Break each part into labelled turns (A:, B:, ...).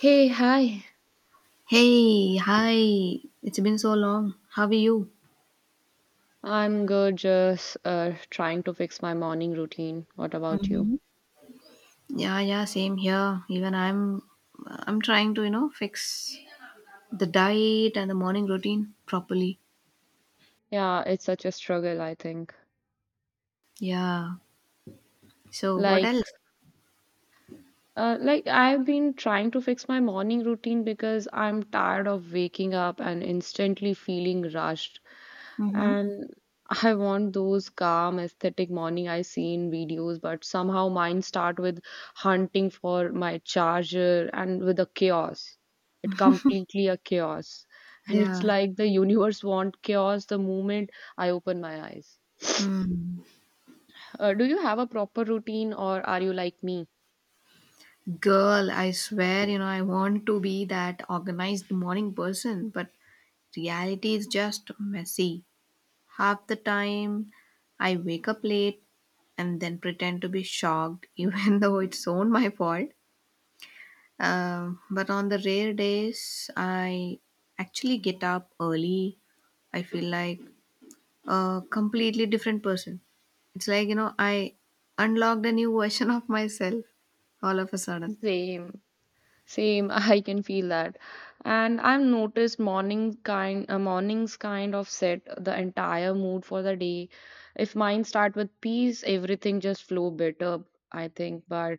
A: Hey, hi.
B: Hey, hi. It's been so long. How are you?
A: I'm good, just trying to fix my morning routine. What about you?
B: hmm yeah, same here. Even I'm trying to, you know, fix the diet and the morning routine properly.
A: Yeah, it's such a struggle, I think.
B: Yeah. So, what
A: Like,
B: else?
A: like, I've been trying to fix my morning routine because I'm tired of waking up and instantly feeling rushed.
B: Mm-hmm.
A: And I want those calm, aesthetic morning I see in videos, but somehow mine start with hunting for my charger and with a chaos. It completely a chaos. And it's
B: Yeah.
A: like the universe want chaos the moment I open my eyes.
B: Hmm.
A: Do you have a proper routine or are you like me?
B: Girl, I swear, you know, I want to be that organized morning person, but reality is just messy. Half the time, I wake up late and then pretend to be shocked, even though it's own my fault. But on the rare days, I actually get up early. I feel like a completely different person. It's like, you know, I unlocked a new version of myself all of a sudden.
A: Same. Same, I can feel that. And I've noticed mornings kind of set the entire mood for the day. If mine start with peace, everything just flow better, I think. But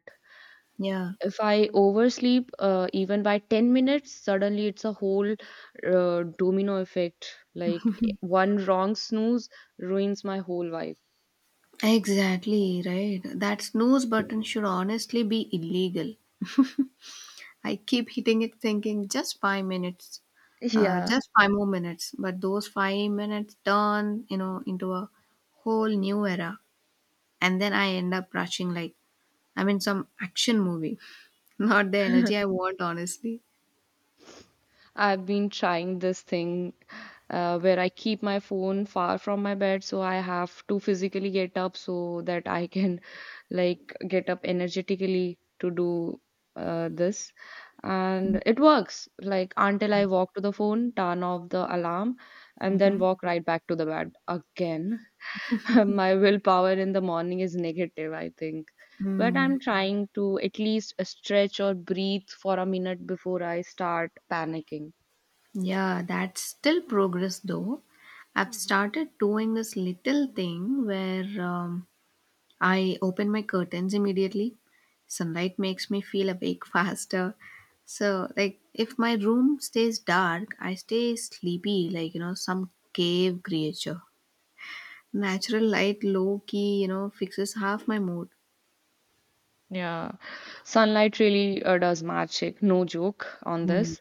B: Yeah,
A: if I oversleep even by 10 minutes, suddenly it's a whole domino effect. Like one wrong snooze ruins my whole vibe.
B: exactly, right. That snooze button should honestly be illegal. I keep hitting it thinking just 5 minutes,
A: Yeah.
B: just five more minutes. But those 5 minutes turn, you know, into a whole new era. And then I end up rushing like I'm in some action movie. Not the energy I want, honestly.
A: I've been trying this thing where I keep my phone far from my bed, so I have to physically get up so that I can like get up energetically to do this. And it works like until
B: Yeah.
A: I walk to the phone, turn off the alarm, and then
B: hmm
A: walk right back to the bed again. My willpower in the morning is negative, I think. But
B: Mm.
A: I'm trying to at least stretch or breathe for a minute before I start panicking.
B: Yeah, that's still progress though. I've started doing this little thing where I open my curtains immediately. Sunlight makes me feel awake faster. So, like, if my room stays dark, I stay sleepy, like, you know, some cave creature. Natural light, low key, you know, fixes half my mood.
A: Yeah, sunlight really does magic. No joke on
B: Mm,
A: this.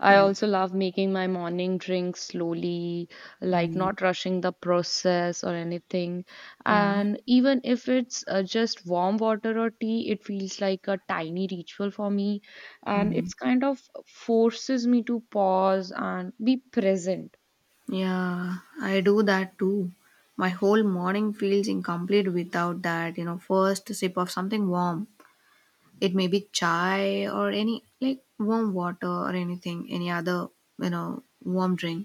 A: I
B: yeah.
A: also love making my morning drink slowly, like
B: Mm,
A: not rushing the process or anything.
B: yeah.
A: And even if it's just warm water or tea, it feels like a tiny ritual for me. And
B: Mm.
A: it's kind of forces me to pause and be present.
B: Yeah, I do that too. My whole morning feels incomplete without that, you know, first sip of something warm. It may be chai or any like warm water or anything any other you know warm drink,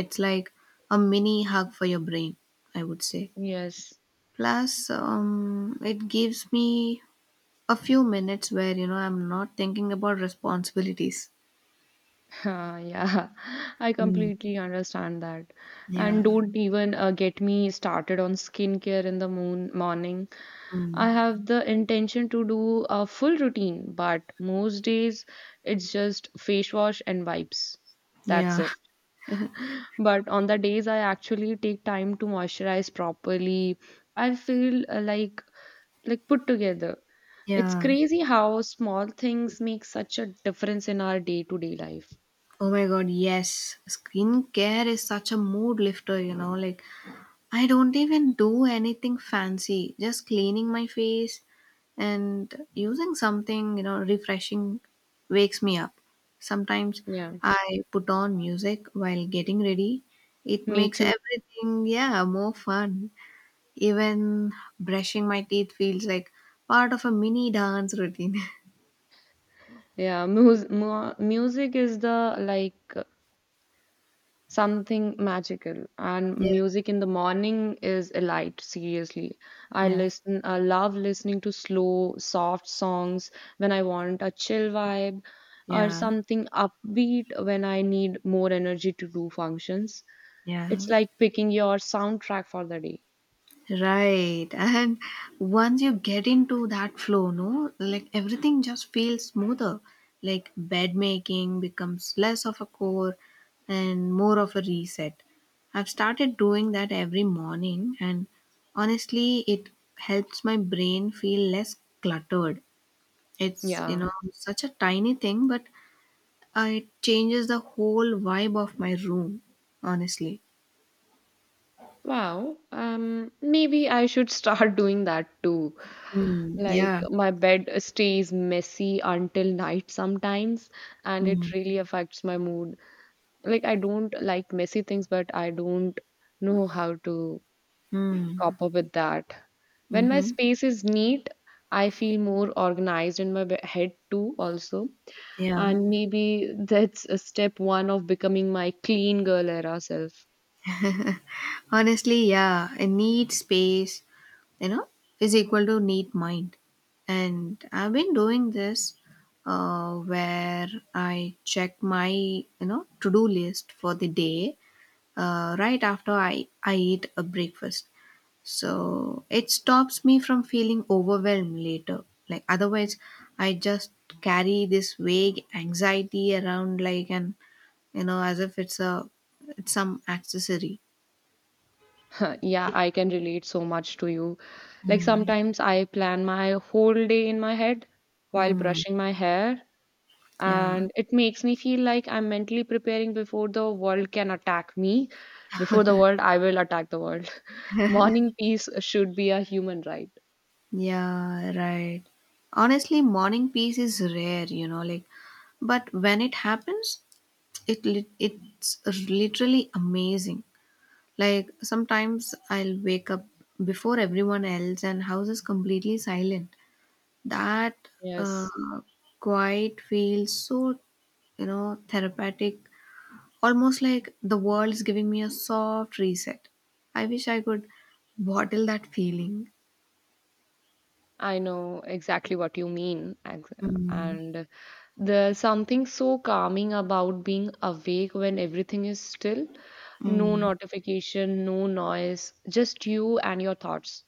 B: it's like a mini hug for your brain, I would say.
A: Yes.
B: Plus it gives me a few minutes where you know I'm not thinking about responsibilities.
A: Ah, yeah, I
B: Mm.
A: completely understand that.
B: Yeah.
A: And don't even get me started on skincare in the moon morning.
B: Mm.
A: I have the intention to do a full routine, but most days it's just face wash and wipes. That's
B: Yeah.
A: it. But on the days I actually take time to moisturize properly, I feel like put together. It's
B: Yeah.
A: crazy how small things make such a difference in our day-to-day life.
B: Oh my god, yes, skincare is such a mood lifter, you know, like I don't even do anything fancy, just cleaning my face and using something, you know, refreshing wakes me up. Sometimes
A: Yeah.
B: I put on music while getting ready. It
A: Me
B: makes
A: too.
B: everything, yeah, more fun. Even brushing my teeth feels like part of a mini dance routine.
A: Yeah, music is the like something magical, and
B: yeah,
A: music in the morning is a light, seriously.
B: yeah,
A: I love listening to slow, soft songs when I want a chill vibe, or
B: yeah,
A: something upbeat when I need more energy to do functions.
B: yeah.
A: It's like picking your soundtrack for the day.
B: Right. And once you get into that flow, no, like everything just feels smoother. Like bed making becomes less of a chore and more of a reset. I've started doing that every morning, and honestly, it helps my brain feel less cluttered. It's, you
A: Yeah.
B: know, such a tiny thing, but it changes the whole vibe of my room, honestly.
A: Wow, maybe I should start doing that too.
B: Mm,
A: Like,
B: yeah.
A: my bed stays messy until night sometimes, and
B: Mm,
A: it really affects my mood. Like, I don't like messy things, but I don't know how to
B: mm,
A: cope up with that. When my
B: mm-hmm.
A: space is neat, I feel more organized in my head too, also.
B: Yeah.
A: And maybe that's a step one of becoming my clean girl era self.
B: Honestly, yeah, a neat space, you know, is equal to neat mind. And I've been doing this where I check my, you know, to-do list for the day, right after I eat a breakfast. So it stops me from feeling overwhelmed later. Like otherwise, I just carry this vague anxiety around like an, you know, as if it's a, it's some accessory.
A: Yeah, I can relate so much to you. Like
B: Mm.
A: sometimes I plan my whole day in my head while
B: Hmm.
A: brushing my hair,
B: Yeah,
A: and it makes me feel like I'm mentally preparing before the world can attack me. Before the world, I will attack the world. Morning peace should be a human right.
B: yeah, right. Honestly, morning peace is rare, you know, like, but when it happens, it's literally amazing. Like sometimes I'll wake up before everyone else and house is completely silent. That
A: Yes,
B: uh, quiet feels so, you know, therapeutic, almost like the world is giving me a soft reset. I wish I could bottle that feeling.
A: I know exactly what you mean.
B: Mm,
A: And There's something so calming about being awake when everything is still. No
B: mm.
A: notification, no noise, just you and your thoughts.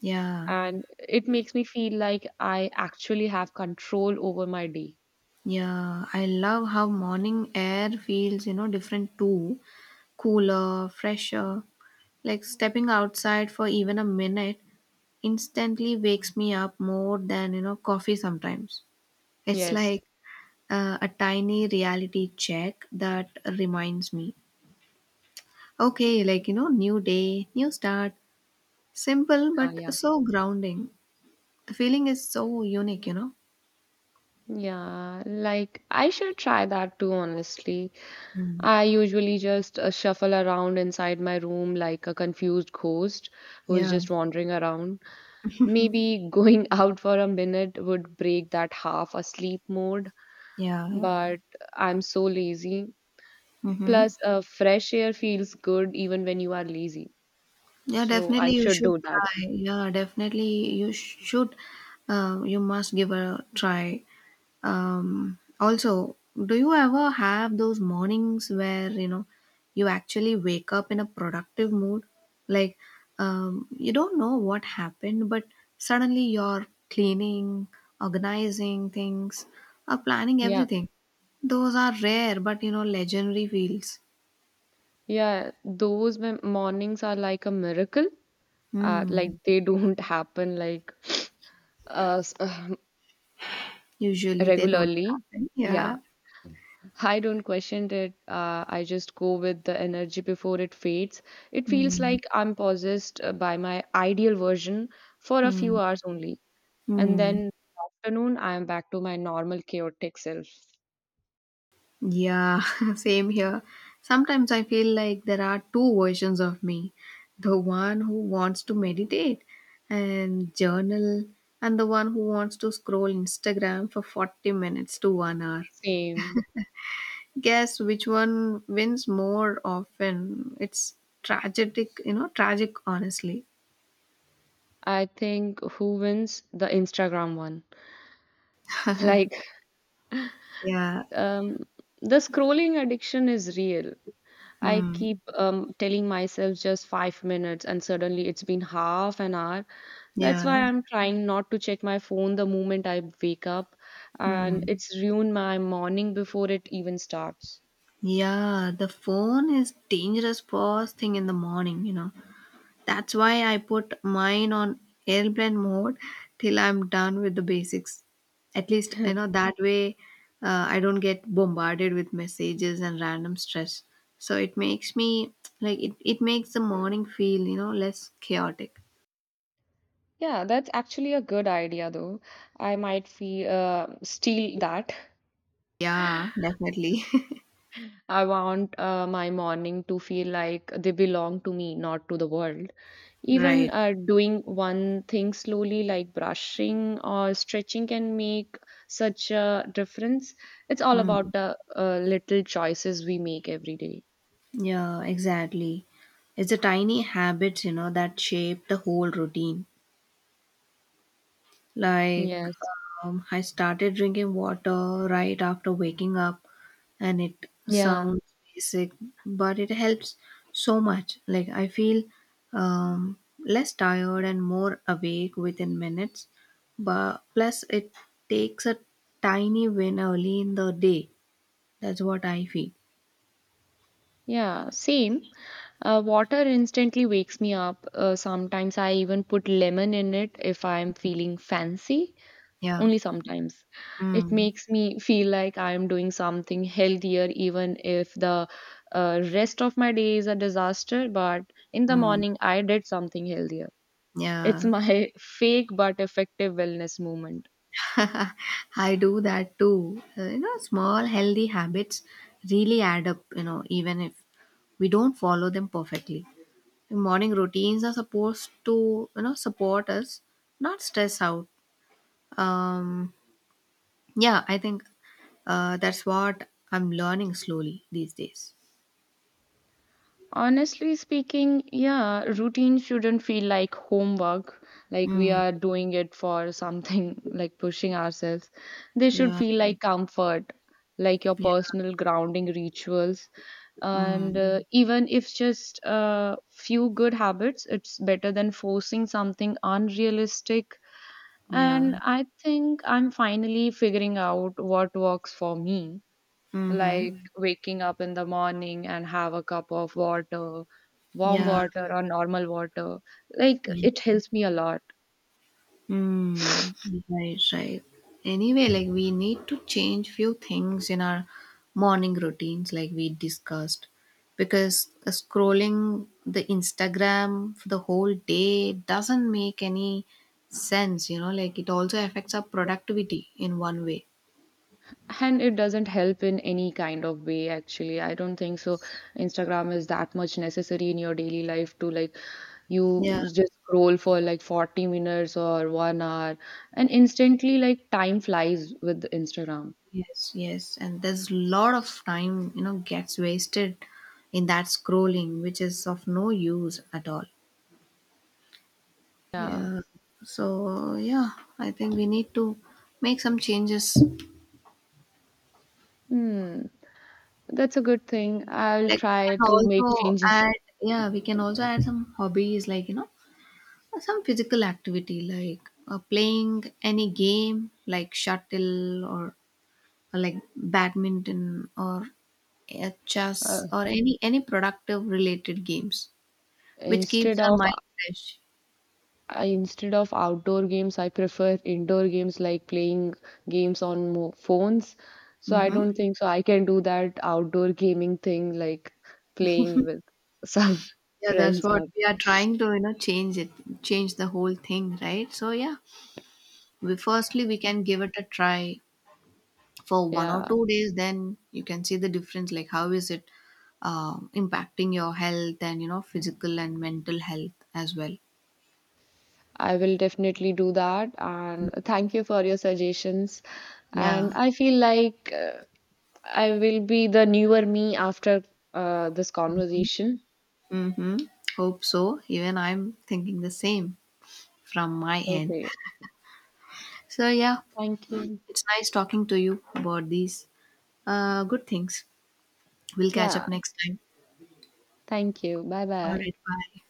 B: Yeah,
A: And it makes me feel like I actually have control over my day.
B: yeah. I love how morning air feels, you know, different too. Cooler, fresher. Like stepping outside for even a minute instantly wakes me up more than, you know, coffee sometimes. It's
A: Yes.
B: like a tiny reality check that reminds me. Okay, like, you know, new day, new start. Simple but
A: Yeah.
B: so grounding. The feeling is so unique, you know?
A: Yeah. Like, I should try that too, honestly.
B: Mm.
A: I usually just shuffle around inside my room like a confused ghost who's
B: Yeah,
A: just wandering around. Maybe going out for a minute would break that half asleep mode,
B: yeah.
A: but I'm so lazy.
B: Mm-hmm.
A: Plus, fresh air feels good even when you are lazy.
B: Yeah,
A: So I
B: definitely you
A: should
B: should
A: do that.
B: try. Yeah, definitely you should. You must give a try. Also, do you ever have those mornings where you know you actually wake up in a productive mood? Like you don't know what happened, but suddenly you're cleaning, organizing things, or planning
A: Yeah,
B: everything. Those are rare, but you know, legendary feels.
A: yeah. Those mornings are like a miracle.
B: Hmm.
A: Like they don't happen like uh, s-
B: Usually they don't
A: regularly.
B: happen.
A: Yeah.
B: Yeah.
A: I don't question it. I just go with the energy before it fades. It feels
B: Hmm.
A: like I'm possessed by my ideal version for a
B: Mm,
A: few hours only. And
B: mm.
A: then afternoon, I am back to my normal chaotic self.
B: Yeah, same here. Sometimes I feel like there are two versions of me, the one who wants to meditate and journal, and the one who wants to scroll Instagram for 40 minutes to one hour.
A: Same.
B: Guess which one wins more often? It's tragic, you know, tragic, honestly.
A: I think who wins? The Instagram one. Like,
B: Yeah.
A: um, the scrolling addiction is real. I
B: Mm.
A: keep telling myself just 5 minutes, and suddenly it's been half an hour. That's why
B: Yeah.
A: I'm trying not to check my phone the moment I wake up, and
B: Mm.
A: it's ruined my morning before it even starts.
B: Yeah. The phone is dangerous first thing in the morning, you know. That's why I put mine on airplane mode till I'm done with the basics. At least, you know, that way, I don't get bombarded with messages and random stress. So it makes me it makes the morning feel, you know, less chaotic.
A: Yeah, that's actually a good idea, though. I might feel steal that.
B: Yeah, definitely.
A: I want my morning to feel like they belong to me, not to the world. Even
B: Right.
A: doing one thing slowly, like brushing or stretching, can make such a difference. It's all
B: Hmm.
A: about the little choices we make every day.
B: Yeah, exactly. It's the tiny habits, you know, that shape the whole routine. Like,
A: Yes.
B: I started drinking water right after waking up, and it
A: Yeah.
B: sounds basic, but it helps so much. Like, I feel um, less tired and more awake within minutes, but plus, it takes a tiny win early in the day. That's what I feel.
A: Yeah. Same. Water instantly wakes me up. Sometimes I even put lemon in it if I'm feeling fancy.
B: Yeah.
A: Only sometimes. It
B: Mm.
A: makes me feel like I am doing something healthier, even if the rest of my day is a disaster. But in the
B: Mm.
A: morning, I did something healthier. It's
B: Yeah.
A: my fake but effective wellness movement.
B: I do that too. You know, small healthy habits really add up, you know, even if we don't follow them perfectly. Morning routines are supposed to, you know, support us, not stress out. Um, yeah, I think that's what I'm learning slowly these days.
A: Honestly speaking, yeah, routine shouldn't feel like homework, like we
B: Mm,
A: are doing it for something, like pushing ourselves. They should
B: yeah,
A: feel like comfort, like your
B: yeah,
A: personal grounding rituals. And
B: mm,
A: even if just few good habits, it's better than forcing something unrealistic.
B: yeah,
A: And I think I'm finally figuring out what works for me
B: mm-hmm,
A: like waking up in the morning and have a cup of water, warm
B: yeah.
A: water or normal water. Like
B: Yeah.
A: it helps me a lot.
B: Mm, right, right. Anyway, like we need to change few things in our morning routines, like we discussed, because scrolling the Instagram for the whole day doesn't make any sense, you know, like it also affects our productivity in one way.
A: And it doesn't help in any kind of way, actually. I don't think so. Instagram is that much necessary in your daily life to like you
B: Yeah,
A: just scroll for like 40 minutes or 1 hour, and instantly, like, time flies with Instagram.
B: yes. And there's a lot of time, you know, gets wasted in that scrolling, which is of no use at all.
A: Yeah.
B: Yeah. So yeah, I think we need to make some changes.
A: Hmm. That's a good thing. I'll
B: Like we
A: try
B: can
A: to
B: also
A: make changes.
B: add, yeah, we can also add some hobbies like, you know, some physical activity like playing any game like or like badminton or
A: Uh,
B: chess or any productive related games which keeps
A: instead
B: our
A: of
B: mind fresh.
A: Instead of outdoor games, I prefer indoor games like playing games on mo phones. So I
B: Mm-hmm.
A: don't think so I can do that outdoor gaming thing like playing with some
B: Yeah, that's
A: friends
B: what
A: or
B: we are trying to, you know, change the whole thing, right? So yeah, we can give it a try for one or
A: yeah,
B: two days, then you can see the difference like how is it impacting your health, and you know, physical and mental health as well.
A: I will definitely do that and thank you for your suggestions.
B: Yeah.
A: And I feel like I will be the newer me after this conversation.
B: Mm-hmm. Hope so, even I'm thinking the same from my end.
A: Okay.
B: So yeah,
A: Thank you.
B: it's nice talking to you about these good things. We'll catch up
A: Yeah,
B: next time.
A: thank you. Bye
B: All
A: bye.
B: right, bye.